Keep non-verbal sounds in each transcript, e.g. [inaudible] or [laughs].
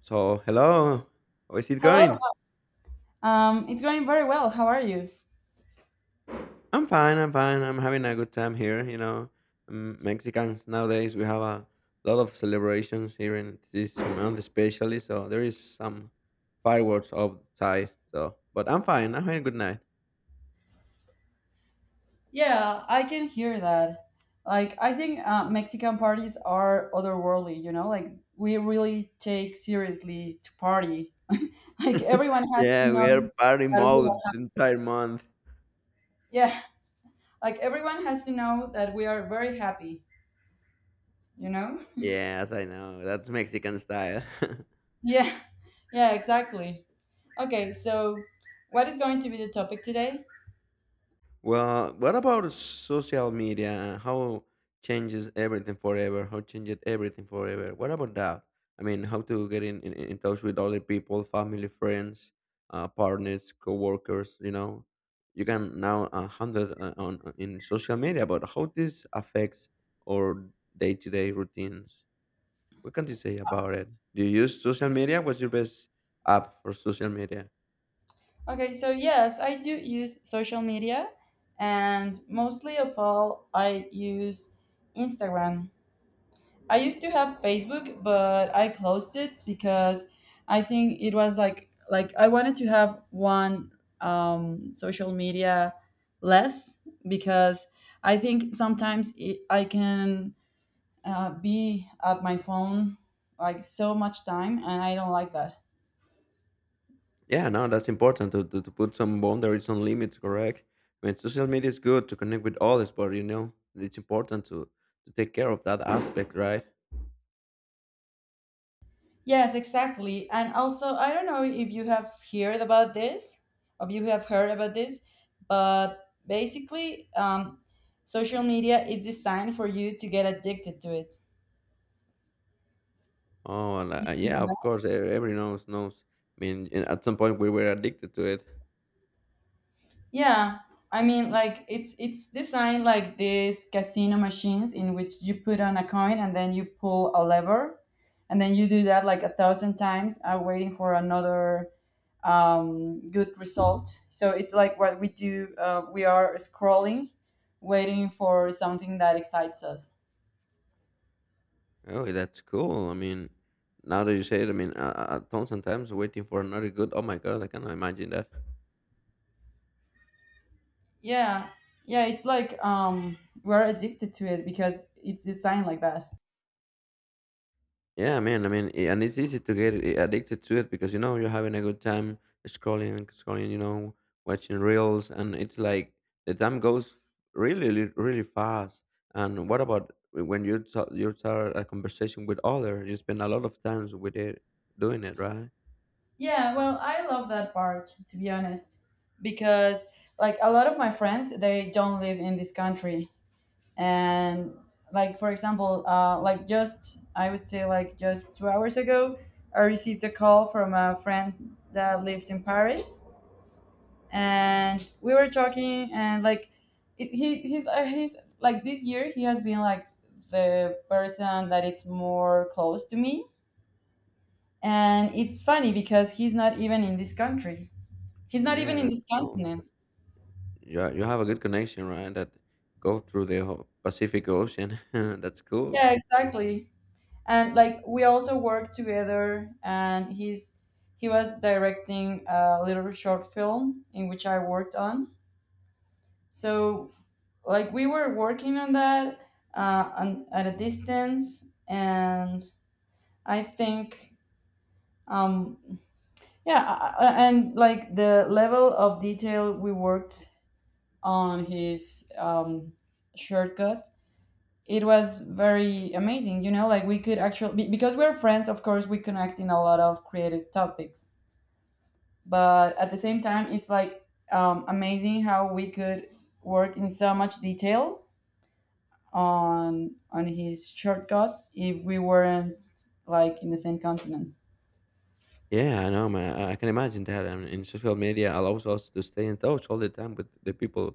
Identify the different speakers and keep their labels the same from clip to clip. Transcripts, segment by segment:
Speaker 1: So, hello. How is it
Speaker 2: Hello.
Speaker 1: going?
Speaker 2: It's going very well. How are you?
Speaker 1: I'm fine. I'm fine. I'm having a good time here. Mexicans nowadays we have a lot of celebrations here in this month, especially. So there is some fireworks outside. So, but I'm fine. I'm having a good night.
Speaker 2: Yeah, I can hear that. Like, I think Mexican parties are otherworldly. You know, like we really take seriously to party. [laughs] Like everyone has to
Speaker 1: Yeah, we are
Speaker 2: know
Speaker 1: party
Speaker 2: that we
Speaker 1: mode
Speaker 2: are.
Speaker 1: the entire month.
Speaker 2: Yeah, like everyone has to know that we are very happy. You know? [laughs]
Speaker 1: Yes, I know. That's Mexican style. [laughs]
Speaker 2: Yeah. Yeah. Exactly. Okay. So, what is going to be the topic today?
Speaker 1: Well, what about social media? And how changes everything forever? How changed everything forever? What about that? I mean, how to get in touch with other people, family, friends, partners, coworkers. You know, you can now handle in social media. But how this affects our day-to-day routines? What can you say about it? Do you use social media? What's your best app for social media?
Speaker 2: Okay, so yes, I do use social media, and mostly of all, I use Instagram. I used to have Facebook, but I closed it because I think it was like I wanted to have one social media less because I think sometimes it, I can be at my phone like so much time, and I don't like that.
Speaker 1: Yeah, no, that's important to put some boundaries, some limits, correct? I mean, social media is good to connect with others, but you know, it's important to take care of that aspect, right?
Speaker 2: Yes, exactly. And also, I don't know if you have heard about this, or you have heard about this, but basically, social media is designed for you to get addicted to it.
Speaker 1: Oh, yeah, of course, everyone knows. I mean, and at some point we were addicted to it.
Speaker 2: Yeah, I mean, like it's designed like these casino machines in which you put on a coin and then you pull a lever, and then you do that like a thousand times, waiting for another good results. So it's like what we do. We are scrolling, waiting for something that excites us.
Speaker 1: Oh, that's cool. I mean, now that you say it, I mean, tons and times waiting for another good. Oh my God, I cannot imagine that.
Speaker 2: Yeah, yeah. It's like we're addicted to it because it's designed like that.
Speaker 1: Yeah, man. I mean, and it's easy to get addicted to it because you know you're having a good time scrolling and scrolling, you know, watching reels, and it's like the time goes really fast. And what about when you you start a conversation with other? You spend a lot of times with it doing it, right?
Speaker 2: Yeah. Well, I love that part to be honest, because like a lot of my friends, they don't live in this country, and like for example, like just I would say like just 2 hours ago, I received a call from a friend that lives in Paris and we were talking and like it, he's he's like this year he has been like the person that it's more close to me and it's funny because he's not even in this country he's not even
Speaker 1: Yeah,
Speaker 2: in
Speaker 1: that's
Speaker 2: this
Speaker 1: cool.
Speaker 2: continent
Speaker 1: Yeah, you have a good connection, right? That go through the whole Pacific Ocean. [laughs] That's cool.
Speaker 2: yeah exactly and like we also worked together and he's he was directing a little short film in which I worked on so like we were working on that on, at a distance and I think, um, yeah, and like the level of detail we worked on his shortcut, it was very amazing. You know, like we could actually, because we're friends, of course, we connect in a lot of creative topics. But at the same time, it's like amazing how we could work in so much detail on his shortcut if we weren't like in the same continent.
Speaker 1: Yeah, I know, man. I can imagine that. I mean, and social media allows us to stay in touch all the time with the people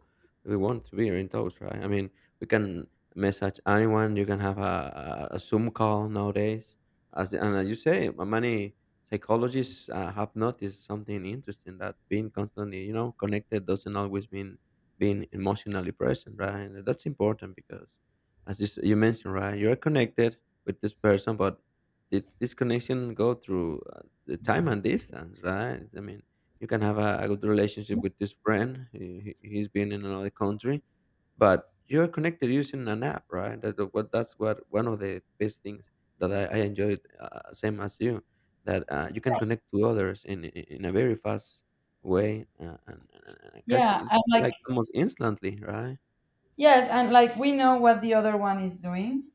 Speaker 1: that we want to be in touch, right? I mean, we can message anyone. You can have a Zoom call nowadays. As the- and as you say, many psychologists have noticed something interesting that being constantly, you know, connected doesn't always mean being emotionally present, right? And that's important because, as you, you mentioned, right, you're connected with this person, but did this connection go through the time and distance, right? I mean, you can have a good relationship with this friend. He's been in another country, but you're connected using an app, right? That's what one of the best things that I enjoyed, same as you, that you can connect to others in a very fast way, and casi
Speaker 2: Yeah,
Speaker 1: it's
Speaker 2: and like
Speaker 1: like almost instantly, right? [laughs]
Speaker 2: yes, and like we know what the other one is doing.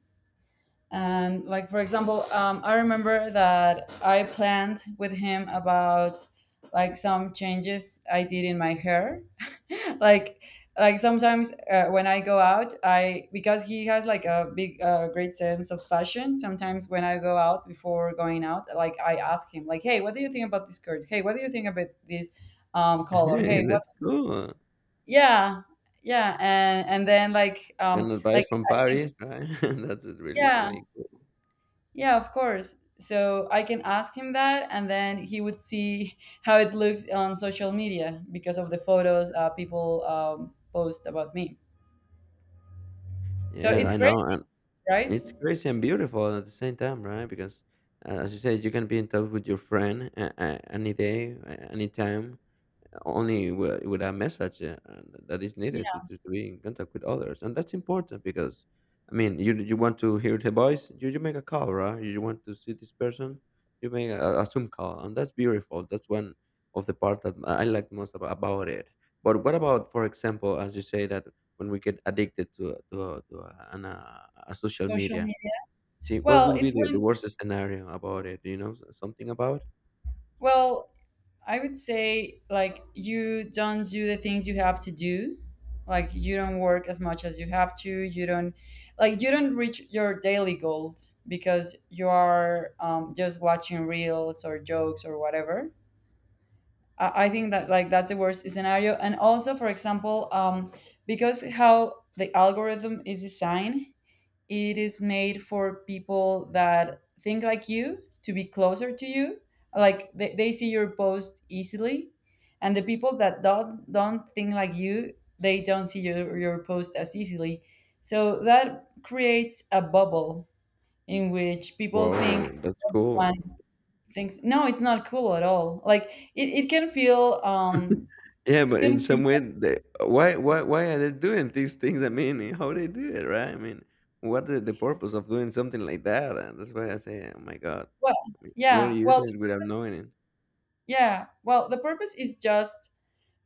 Speaker 2: And like for example, I remember that I planned with him about like some changes I did in my hair. [laughs] like like sometimes when I go out, I because he has like a big great sense of fashion. Sometimes when I go out before going out, like I ask him like, "Hey, what do you think about this skirt? Hey, what do you think about this color?
Speaker 1: Hey,
Speaker 2: Hey, what?"
Speaker 1: that's cool.
Speaker 2: Yeah, yeah, and then
Speaker 1: And
Speaker 2: like
Speaker 1: advice from Paris, right? [laughs] That's really,
Speaker 2: yeah.
Speaker 1: really cool.
Speaker 2: Yeah, of course. So I can ask him that, and then he would see [laughs] how it looks on social media because of the photos people post about me. So
Speaker 1: Yeah,
Speaker 2: it's
Speaker 1: I
Speaker 2: crazy,
Speaker 1: know.
Speaker 2: right?
Speaker 1: It's crazy and beautiful at the same time, right? Because as you said, you can be in touch with your friend any day, any time, only with a message that is needed to,
Speaker 2: Yeah,
Speaker 1: to, to be in contact with others, and that's important because, I mean, you want to hear the voice, you make a call, right? You want to see this person, you make a Zoom call, and that's beautiful. That's one of the part that I like most about it. But what about, for example, as you say that when we get addicted to a social
Speaker 2: social
Speaker 1: media.
Speaker 2: media.
Speaker 1: See, what
Speaker 2: Well,
Speaker 1: would be
Speaker 2: it's
Speaker 1: the
Speaker 2: when,
Speaker 1: worst scenario about it? Do you know something about?
Speaker 2: well, I would say like you don't do the things you have to do. Like you don't work as much as you have to. You don't like you don't reach your daily goals because you are just watching reels or jokes or whatever. I think that like that's the worst scenario. And also, for example, because how the algorithm is designed, it is made for people that think like you to be closer to you. Like they see your post easily, and the people that don't think like you, they don't see your post as easily. So that creates a bubble in which people
Speaker 1: Whoa,
Speaker 2: think
Speaker 1: that's cool.
Speaker 2: things. No, it's not cool at all. Like it,
Speaker 1: Yeah,
Speaker 2: it
Speaker 1: but
Speaker 2: can
Speaker 1: in
Speaker 2: feel
Speaker 1: some way, they, why are they doing these things? I mean, how they do it, right? I mean, what the purpose of doing something like that? And that's why I say, oh my god,
Speaker 2: well
Speaker 1: I mean, we're
Speaker 2: yeah well
Speaker 1: using it without knowing it.
Speaker 2: yeah well the purpose is just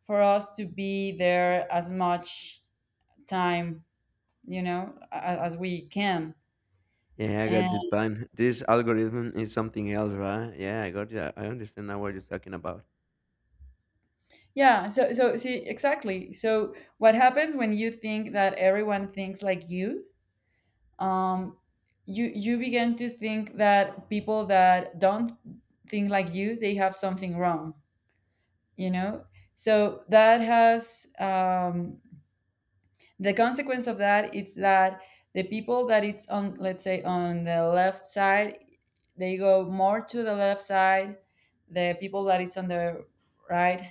Speaker 2: for us to be there as much time you know as we can.
Speaker 1: Yeah, I got
Speaker 2: And
Speaker 1: you, Pan. This algorithm is something else, right? Yeah, I got you. I understand now what you're talking about.
Speaker 2: yeah, so so see exactly so what happens when you think that everyone thinks like you? um you you begin to think that people that don't think like you they have something wrong, you know, so that has the consequence of that is that the people that it's on let's say on the left side they go more to the left side. The people that it's on the right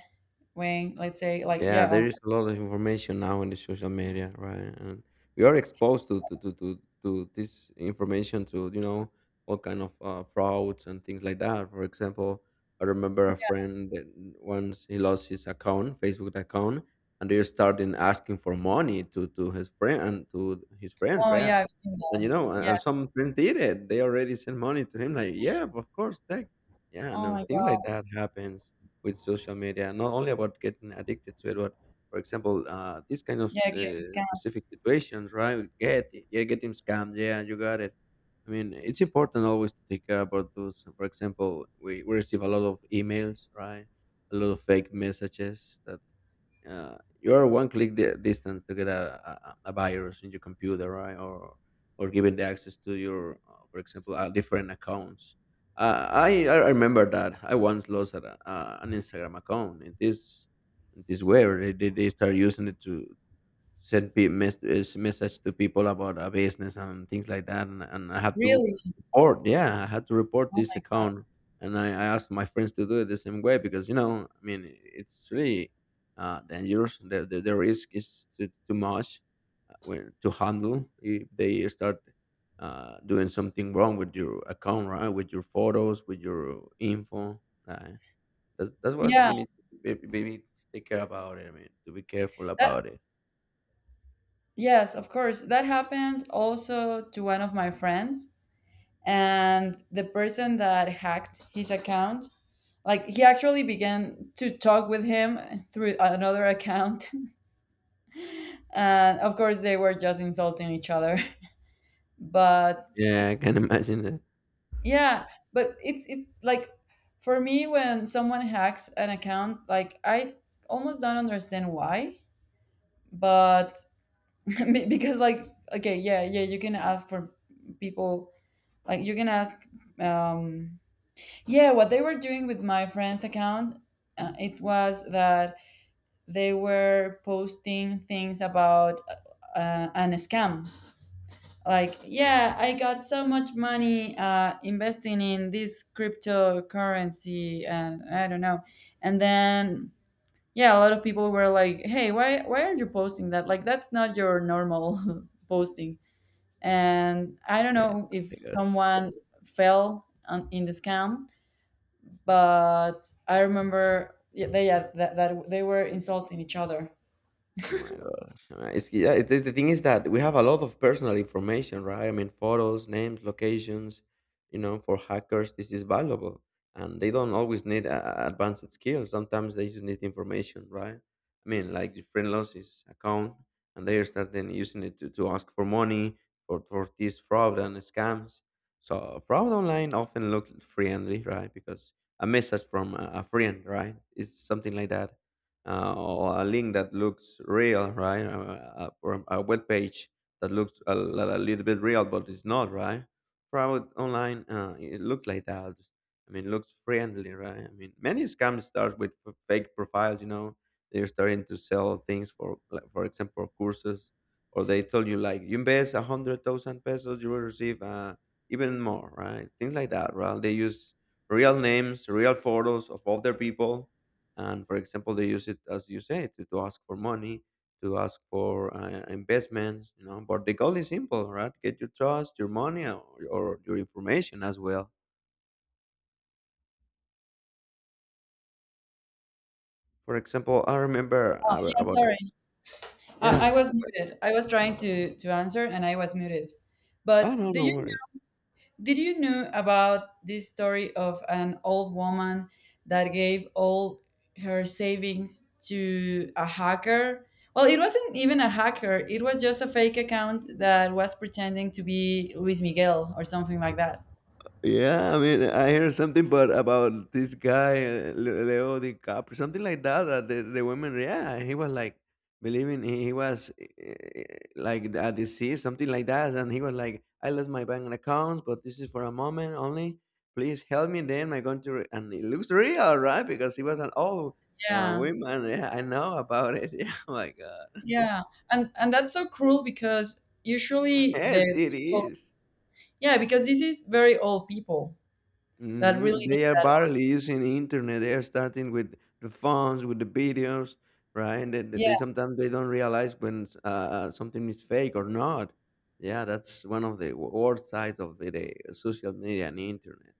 Speaker 2: wing let's say like
Speaker 1: Yeah,
Speaker 2: yeah
Speaker 1: there
Speaker 2: on.
Speaker 1: is a lot of information now in the social media, right? And we are exposed to this information to you know all kind of frauds and things like that. For example, I remember a friend that once he lost his account, Facebook account, and they started asking for money to his friend and to his friends,
Speaker 2: Oh
Speaker 1: right?
Speaker 2: yeah, I've seen
Speaker 1: And you
Speaker 2: that.
Speaker 1: know, and
Speaker 2: Yes.
Speaker 1: some friends did it. They already sent money to him, like yeah, of course, take yeah,
Speaker 2: Oh
Speaker 1: no,
Speaker 2: my
Speaker 1: things like
Speaker 2: God.
Speaker 1: that happens with social media, not only about getting addicted to it, but for example, these kind of
Speaker 2: Yeah, getting scammed.
Speaker 1: specific situations, right? Get yeah, getting scammed. Yeah, you got it. I mean, it's important always to take care about those. For example, we receive a lot of emails, right? A lot of fake messages that you are one click distance to get a virus in your computer, right? Or giving the access to your, for example, different accounts. I remember that I once lost an Instagram account in this way. Where they start using it to send message to people about a business and things like that and I have to
Speaker 2: Really?
Speaker 1: report yeah I had to report
Speaker 2: Oh my.
Speaker 1: this account and I asked my friends to do it the same way because you know I mean it's really dangerous the risk is too much to handle if they start doing something wrong with your account right with your photos with your info uh, that's what
Speaker 2: Yeah,
Speaker 1: we need to take care about it I mean to be careful
Speaker 2: that.
Speaker 1: about it.
Speaker 2: Yes, of course that happened also to one of my friends and the person that hacked his account like he actually began to talk with him through another account [laughs] and of course they were just insulting each other. [laughs] But
Speaker 1: Yeah, I
Speaker 2: it's
Speaker 1: can imagine that.
Speaker 2: yeah. But it's like for me when someone hacks an account like I almost don't understand why, but [laughs] because like okay yeah yeah you can ask for people. Like you can ask um yeah, what they were doing with my friend's account, it was that they were posting things about an scam. Like, yeah, I got so much money investing in this cryptocurrency, and I don't know. And then, yeah, a lot of people were like, "Hey, why are not you posting that? Like, that's not your normal [laughs] posting." And I don't know if
Speaker 1: Yeah.
Speaker 2: someone fell on, in the scam, but I remember yeah, they yeah, that they were insulting each other.
Speaker 1: Oh my gosh. The thing is that we have a lot of personal information, right? I mean, photos, names, locations, you know, for hackers, this is valuable. And they don't always need advanced skills. Sometimes they just need information, right? I mean, like your friend lost his account and they are starting using it to ask for money for this fraud and scams. So fraud online often looks friendly, right? Because a message from a friend, right? It's something like that or a link that looks real, right? Or a web page that looks a little bit real, but it's not, right? Fraud online, it looks like that. I mean, looks friendly, right? I mean, many scams start with fake profiles. You know, they're starting to sell things for, like, for example, courses, or they tell you like, you invest a hundred thousand pesos, you will receive even more, right? Things like that, right? They use real names, real photos of other people and for example, they use it as you say to ask for money, to ask for investments. You know, but the goal is simple, right? Get your trust, your money, or your information as well. For example, I remember
Speaker 2: Yeah,
Speaker 1: about
Speaker 2: sorry, I
Speaker 1: yeah.
Speaker 2: was muted. I was trying to answer and I was muted.
Speaker 1: Oh
Speaker 2: But
Speaker 1: no,
Speaker 2: do
Speaker 1: no
Speaker 2: you
Speaker 1: worries.
Speaker 2: did you know about this story of an old woman that gave all her savings to a hacker? Well, it wasn't even a hacker. It was just a fake account that was pretending to be Luis Miguel or something like that.
Speaker 1: Yeah, I mean, I heard something, but about this guy Leo DiCaprio, something like that. That the women, yeah, he was like believing he was like a disease, something like that, and he was like, "I lost my bank accounts, but this is for a moment only. Please help me." Then I'm going to, re-" and it looks real, right? Because he was an old
Speaker 2: Yeah.
Speaker 1: woman. Yeah, I know about it. [laughs] Yeah, oh my God.
Speaker 2: Yeah, and that's so cruel because
Speaker 1: [laughs]
Speaker 2: usually
Speaker 1: Yes,
Speaker 2: the
Speaker 1: it
Speaker 2: people,
Speaker 1: is.
Speaker 2: yeah, because this is very old people that
Speaker 1: Mhm.
Speaker 2: really need
Speaker 1: They are
Speaker 2: that one.
Speaker 1: barely using the internet. They are starting with the phones, with the videos, right? And
Speaker 2: Yeah,
Speaker 1: they sometimes they don't realize when something is fake or not. Yeah, that's one of the worst sides of the social media and internet.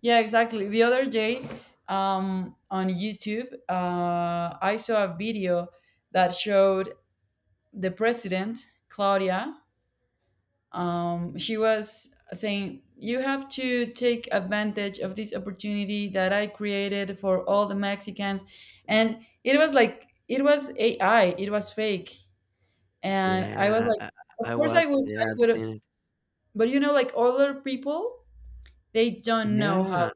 Speaker 2: yeah, exactly. The other day, on YouTube, I saw a video that showed the president, Claudia. She was saying, "You have to take advantage of this opportunity that I created for all the Mexicans," and it was like it was AI, it was fake. And I was
Speaker 1: Yeah,
Speaker 2: like, of
Speaker 1: I
Speaker 2: course I
Speaker 1: watched
Speaker 2: would,
Speaker 1: it.
Speaker 2: I
Speaker 1: Yeah, I've
Speaker 2: would.
Speaker 1: seen it.
Speaker 2: But you know, like other people, they don't know how.
Speaker 1: Yeah,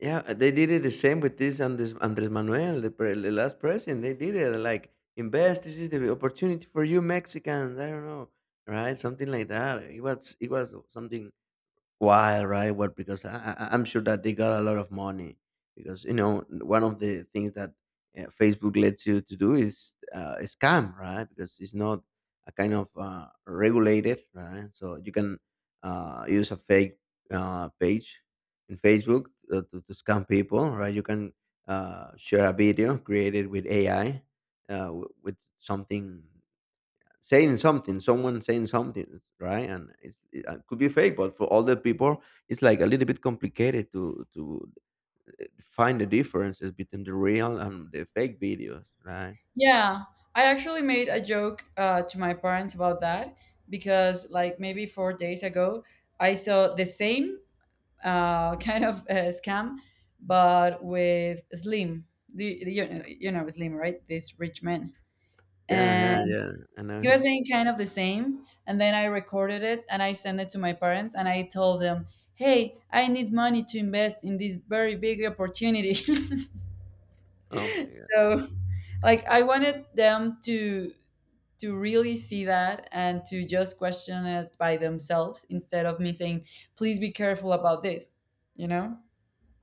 Speaker 1: yeah. They did it the same with this Andres Manuel, the last president. They did it like invest. This is the opportunity for you Mexicans. I don't know, right? Something like that. It was something. Why, right? What? Because I'm sure that they got a lot of money. Because you know, one of the things that Facebook lets you to do is a scam, right? Because it's not a kind of regulated, right? So you can use a fake page in Facebook to scam people, right? You can share a video created with AI, with something saying something, someone saying something, right? And it could be fake, but for other people, it's like a little bit complicated to find the differences between the real and the fake videos, right?
Speaker 2: Yeah, I actually made a joke to my parents about that because, like, maybe 4 days ago, I saw the same [laughs] kind of scam, but with Slim. The, you know Slim, right? This rich man.
Speaker 1: Yeah, yeah,
Speaker 2: And
Speaker 1: yeah. I know.
Speaker 2: he was
Speaker 1: it's-
Speaker 2: saying kind of the same and then I recorded it and I sent it to my parents and I told them hey I need money to invest in this very big opportunity.
Speaker 1: Oh my.
Speaker 2: [laughs] So like I wanted them to really see that and to just question it by themselves instead of me saying please be careful about this, you know.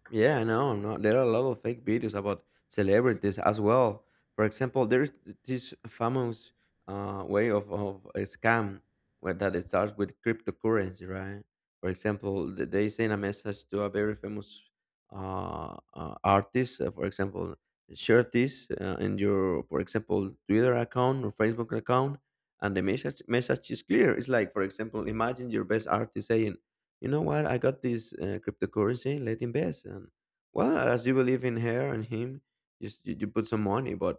Speaker 1: Yeah, I know. No, there are a lot of fake videos about celebrities as well. For example, there's this famous way of a scam where that it starts with cryptocurrency, right? For example, they send a message to a very famous artist. For example, share this in your, for example, Twitter account or Facebook account, and the message is clear. It's like, for example, imagine your best artist saying, you know what? I got this cryptocurrency. Let invest. And well, as you believe in her and him, you put some money. But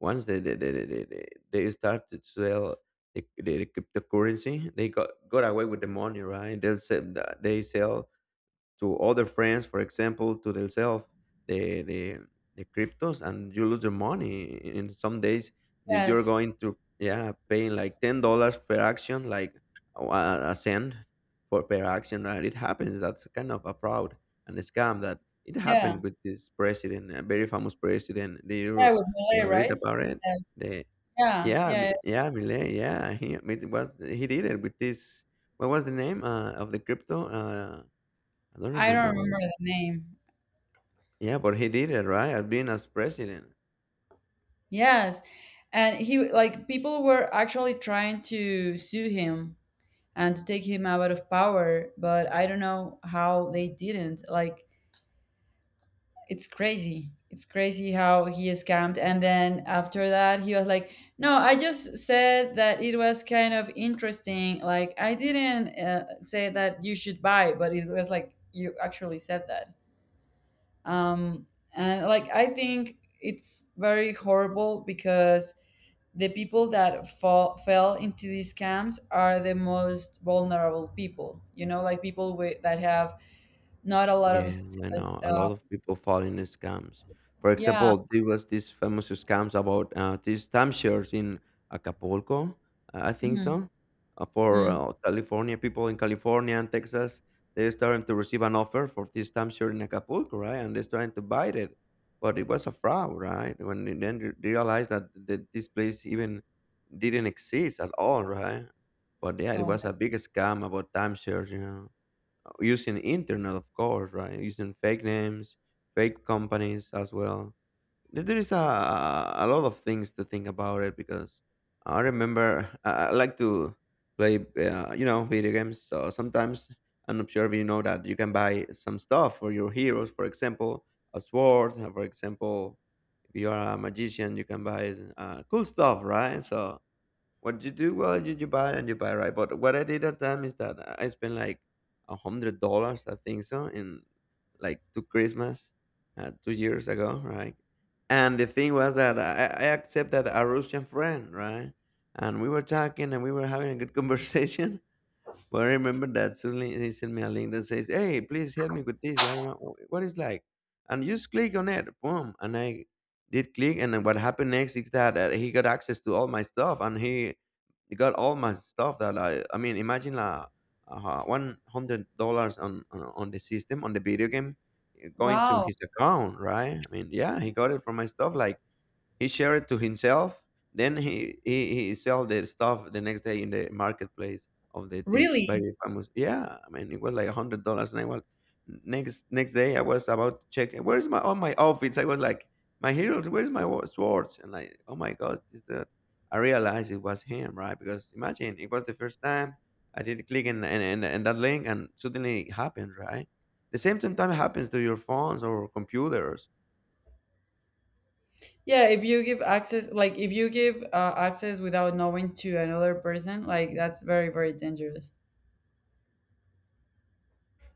Speaker 1: once they start to sell the cryptocurrency, they got away with the money, right? They sell to other friends, for example, to themselves the the cryptos, and you lose your money. In some days, that you're
Speaker 2: Yes,
Speaker 1: going to yeah paying like $10 per action, like a a cent for per action, and it happens. That's kind of a fraud and a scam that it
Speaker 2: yeah
Speaker 1: happened with this president, a very famous president. Did
Speaker 2: yeah
Speaker 1: you
Speaker 2: with Malay
Speaker 1: read
Speaker 2: right.
Speaker 1: about it?
Speaker 2: Yes,
Speaker 1: The
Speaker 2: yeah
Speaker 1: yeah,
Speaker 2: yeah yeah.
Speaker 1: Yeah, Milei, yeah. He it was he did it with this. What was the name of the crypto? I don't
Speaker 2: I don't
Speaker 1: remember what.
Speaker 2: remember the name.
Speaker 1: Yeah, but he did it, right? As being as president.
Speaker 2: Yes. And he like people were actually trying to sue him and to take him out of power, but I don't know how they didn't. Like it's crazy. It's crazy how he is scammed. And then after that, he was like, "No, I just said that it was kind of interesting. Like I didn't say that you should buy, but it was like you actually said that." Um, and like I think it's very horrible because the people that fell into these camps are the most vulnerable people, you know, like people with, that have not a lot of,
Speaker 1: Yeah, I know. A
Speaker 2: uh,
Speaker 1: lot of people fall in scams. For
Speaker 2: yeah.
Speaker 1: example, there was this famous scams about these timeshares in Acapulco, I think
Speaker 2: Hmm.
Speaker 1: so, for
Speaker 2: Mm.
Speaker 1: California people in California and Texas. They're starting to receive an offer for this timeshare in Acapulco, right? And they're starting to buy it, but it was a fraud, right? When they then realized that this place even didn't exist at all, right? But yeah, it
Speaker 2: Oh,
Speaker 1: was
Speaker 2: my.
Speaker 1: a big scam about timeshares, you know, using internet, of course, right? Using fake names, fake companies as well. There is a lot of things to think about it because I remember I like to play, you know, video games, so sometimes I'm not sure if you know that you can buy some stuff for your heroes, for example, a sword, for example. If you are a magician, you can buy cool stuff, right? So what you do, well, you buy and you buy, right? But what I did at time is that I spent like $100, I think so, in like two Christmas, 2 years ago, right? And the thing was that I accepted a Russian friend, right? And we were talking and we were having a good [laughs] conversation. But I remember that suddenly he sent me a link that says, "Hey, please help me with this. I don't know what it's like." And you just click on it, boom. And I did click, and then what happened next is that he got access to all my stuff, and he got all my stuff that I mean, imagine like $100 on, on the system, on the video game, going to
Speaker 2: Wow.
Speaker 1: his account, right? I mean, yeah, he got it from my stuff, like he shared to himself. Then he sell the stuff the next day in the marketplace of the this
Speaker 2: Really?
Speaker 1: very famous. Yeah, I mean it was like $100, and I was next day I was about to check where's my all my outfits. I was like my heroes, where's my swords? And like oh my god, is that? I realized it was him, right? Because imagine it was the first time I did click in and that link, and suddenly it happened, right? The same sometimes happens to your phones or computers.
Speaker 2: Yeah, if you give access, like if you give access without knowing to another person, like that's very, very dangerous.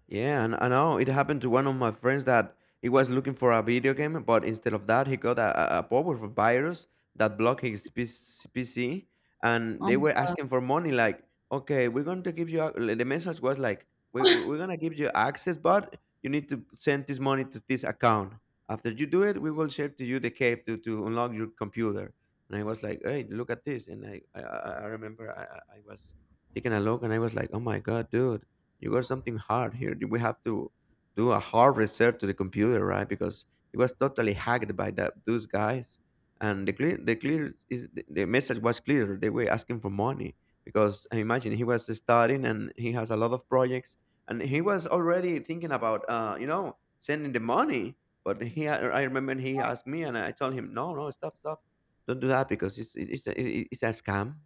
Speaker 1: Yeah, and I know it happened to one of my friends that he was looking for a video game, but instead of that, he got a, a powerful virus that blocked his PC, and
Speaker 2: Oh
Speaker 1: they
Speaker 2: my
Speaker 1: were
Speaker 2: God.
Speaker 1: asking for money. Like, okay, we're going to give you. The message was like, we're going to give you access, but you need to send this money to this account. After you do it, we will share to you the cave to unlock your computer. And I was like, hey, look at this. And I remember I was taking a look, and I was like, oh my god, dude, you got something hard here. We have to do a hard reset to the computer, right? Because it was totally hacked by that those guys. And the clear is the message was clear. They were asking for money because I imagine he was studying and he has a lot of projects, and he was already thinking about, you know, sending the money. But he, I remember he asked me, and I told him, no, no, stop, stop, don't do that because it's it's a scam,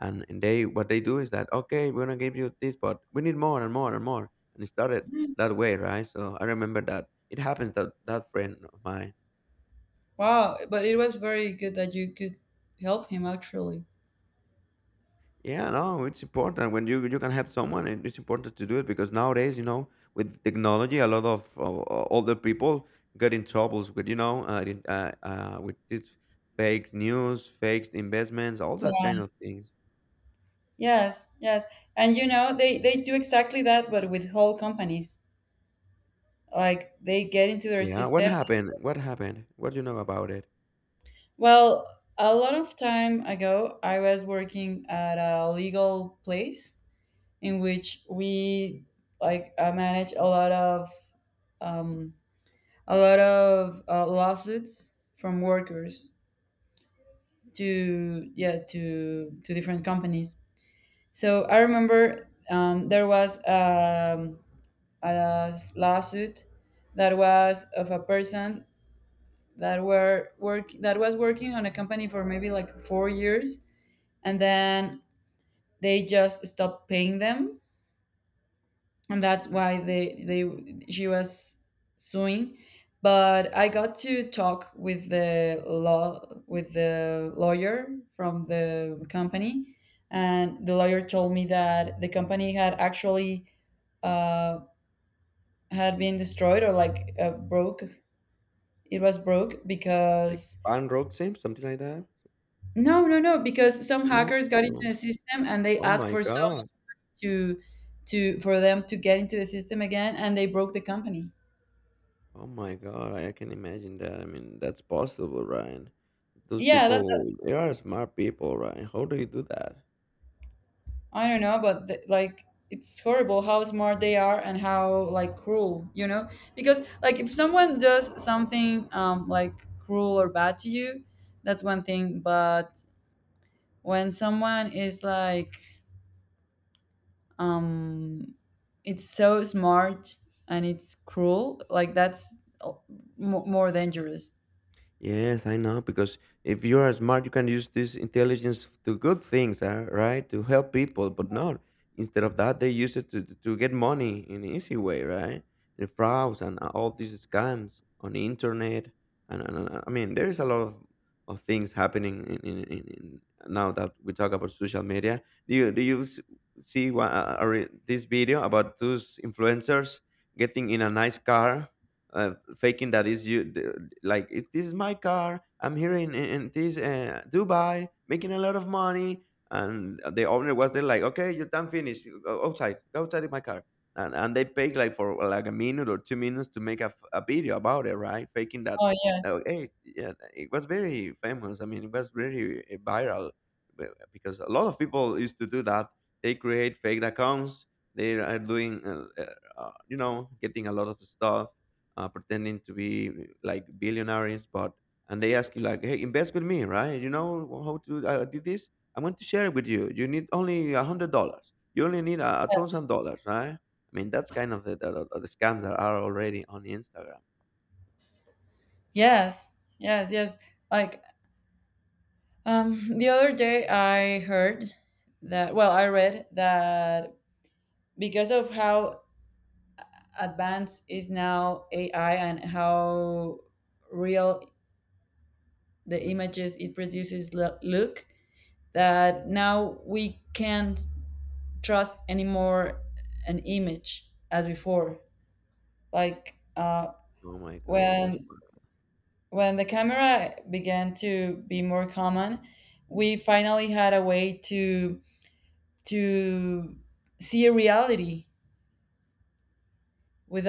Speaker 1: and they what they do is that okay we're gonna give you this but we need more and more and more, and it started
Speaker 2: Mm.
Speaker 1: that way, right? So I remember that it happens that that friend of mine.
Speaker 2: Wow, but it was very good that you could help him actually.
Speaker 1: Yeah, no, it's important when you can help someone, and it's important to do it because nowadays, you know, with technology a lot of older people get in troubles with, you know, with this fake news, fake investments, all that kind
Speaker 2: Yeah.
Speaker 1: of things.
Speaker 2: Yes, yes. And you know, they do exactly that, but with whole companies. Like they get into their
Speaker 1: Yeah, what
Speaker 2: system.
Speaker 1: happened what happened what do you know about it?
Speaker 2: Well, a lot of time ago, I was working at a legal place in which we like manage um, a lot of lawsuits from workers to yeah to different companies. So I remember there was a lawsuit that was of a person that was working on a company for maybe like 4 years and then they just stopped paying them and that's why they she was suing. But I got to talk with the law with the lawyer from the company and the lawyer told me that the company had actually uh, had been destroyed or like broke. It was broke
Speaker 1: Like
Speaker 2: because
Speaker 1: bank road, something like that.
Speaker 2: no, no, no, because some
Speaker 1: No?
Speaker 2: hackers got into
Speaker 1: No.
Speaker 2: the system and they
Speaker 1: Oh
Speaker 2: asked
Speaker 1: my
Speaker 2: for someone
Speaker 1: god.
Speaker 2: to for them to get into the system again and they broke the company.
Speaker 1: Oh my god. I can imagine that. I mean, that's possible, right? Those
Speaker 2: Yeah,
Speaker 1: people, they are smart people, right? How do you do that?
Speaker 2: I don't know, but the, like it's horrible how smart they are and how like cruel, you know? Because like if someone does something like cruel or bad to you, that's one thing, but when someone is like um it's so smart and it's cruel like that's uh, more dangerous.
Speaker 1: Yes, I know, because if you are smart, you can use this intelligence to good things, right? To help people, but not. Instead of that, they use it to get money in an easy way, right? And frauds and all these scams on the internet. I mean, there is a lot of things happening in now that we talk about social media. Do you see this video about those influencers getting in a nice car, faking that is you like, "It- this is my car. I'm here in this Dubai, making a lot of money," and the owner was there like, okay, your time finished, go outside, go outside in my car. And they paid like for like a minute or 2 minutes to make a, a video about it, right, faking that.
Speaker 2: Oh yes.
Speaker 1: Hey, yeah, it was very famous. I mean, it was very viral be- because a lot of people used to do that. They create fake accounts. They are doing you know, getting a lot of stuff, pretending to be like billionaires, but and they ask you like, "Hey, invest with me, right? You know how to I did this. I'm going to share it with you. You need only $100. You only need $1,000, right? I mean, that's kind of the the scams that are already on Instagram."
Speaker 2: Yes yes yes. Like [laughs] the other day I heard that well I read that because of how advanced is now AI and how real the images it produces look that now we can't trust anymore an image as before. Like
Speaker 1: Oh my god, that's
Speaker 2: when
Speaker 1: what.
Speaker 2: when the camera began to be more common, we finally had a way to to see a reality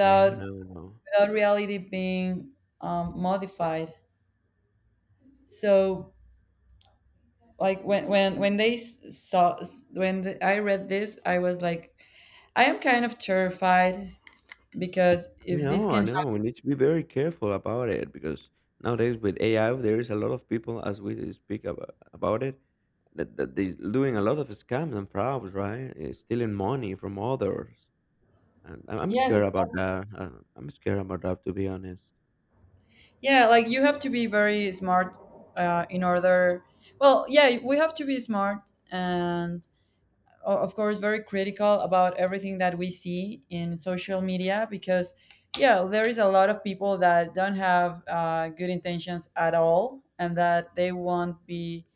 Speaker 1: Yeah, no, no.
Speaker 2: without reality being modified. So like when they when the, I read this, I was like, I am kind of terrified because
Speaker 1: I
Speaker 2: if this
Speaker 1: know,
Speaker 2: can
Speaker 1: I know.
Speaker 2: happen,
Speaker 1: We need to be very careful about it because nowadays with AI, there is a lot of people as we speak about it, that, that they doing a lot of scams and frauds, right? Eh, stealing money from others, and I'm
Speaker 2: yes.
Speaker 1: scared about that. I'm scared about that, to be honest.
Speaker 2: Yeah, like you have to be very smart in order. Well, yeah, we have to be smart and, of course, very critical about everything that we see in social media because, yeah, there is a lot of people that don't have good intentions at all and that they won't be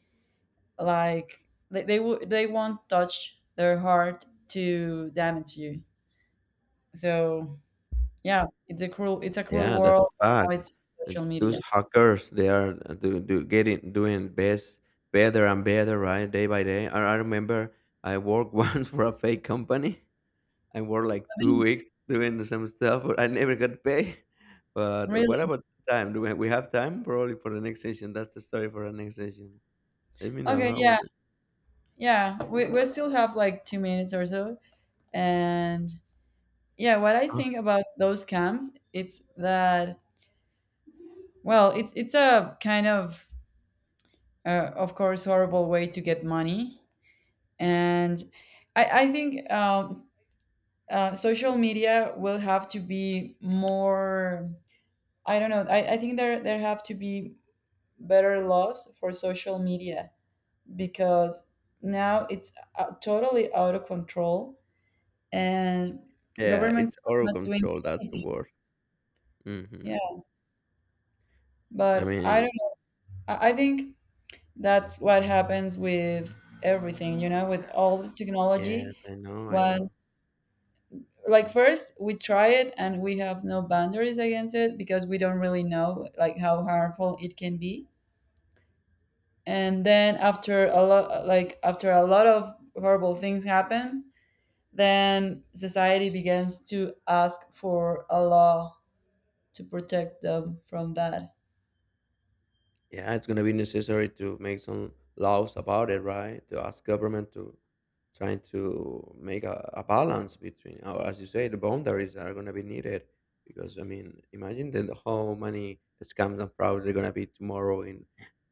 Speaker 2: like, they, they won't touch their heart to damage you. So, yeah, it's a cruel
Speaker 1: Yeah, that's
Speaker 2: world.
Speaker 1: a
Speaker 2: Now
Speaker 1: fact.
Speaker 2: it's
Speaker 1: And
Speaker 2: social media.
Speaker 1: those hackers, they are do, do getting doing best, better and better, right? Day by day. I remember I worked [laughs] once for a fake company. I worked like 2 weeks doing some stuff, but I never got paid. [laughs] But what
Speaker 2: Really?
Speaker 1: about time? Do we have time probably for the next session? That's the story for the next session. Let me know
Speaker 2: Okay,
Speaker 1: how about.
Speaker 2: yeah. Yeah, we still have like 2 minutes or so. And yeah, what I
Speaker 1: Oh,
Speaker 2: think about those camps, it's that, well, it's a kind of course, horrible way to get money. And I think social media will have to be more, I don't know, I think there, there have to be better laws for social media because now it's totally out of control and
Speaker 1: yeah, it's
Speaker 2: governments are
Speaker 1: out of
Speaker 2: not doing
Speaker 1: control, that's the
Speaker 2: anything.
Speaker 1: word.
Speaker 2: Yeah,
Speaker 1: Mhm. I
Speaker 2: but I
Speaker 1: mean,
Speaker 2: don't know. I think that's what happens with everything, you know, with all the
Speaker 1: yes,
Speaker 2: technology.
Speaker 1: I know, I know.
Speaker 2: Once, like, first we try it and we have no boundaries against it because we don't really know, like, how harmful it can be. And then after a lot, like, after a lot of horrible things happen, then society begins to ask for a law to protect them from that.
Speaker 1: Yeah, it's going to be necessary to make some laws about it, right? To ask government to trying to make a balance between, or as you say, the boundaries are going to be needed. Because I mean, imagine then how many scams and frauds are going to be tomorrow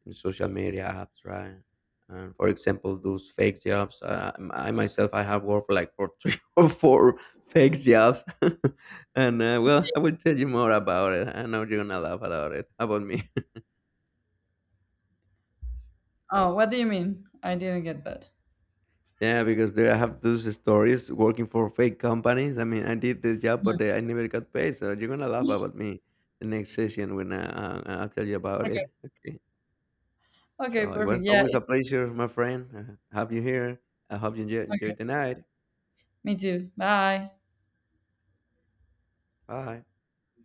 Speaker 1: in social media apps, right? And for example, those fake jobs. I myself, I have worked for like for [laughs] three or four fake jobs, [laughs] and well, I will tell you more about it. I know you're gonna laugh about it. How about me?
Speaker 2: Oh, what do you mean? I didn't get that.
Speaker 1: Yeah, because they have those stories working for fake companies. I mean, I did this job, but I never got paid. So you're gonna laugh
Speaker 2: [laughs]
Speaker 1: about me the next session when I'll tell you about
Speaker 2: Okay.
Speaker 1: it. Okay.
Speaker 2: Okay,
Speaker 1: So it
Speaker 2: perfect.
Speaker 1: was
Speaker 2: Yeah,
Speaker 1: always
Speaker 2: it,
Speaker 1: a pleasure, my friend. Have you here? I hope you enjoyed the night.
Speaker 2: me too. Bye.
Speaker 1: Bye.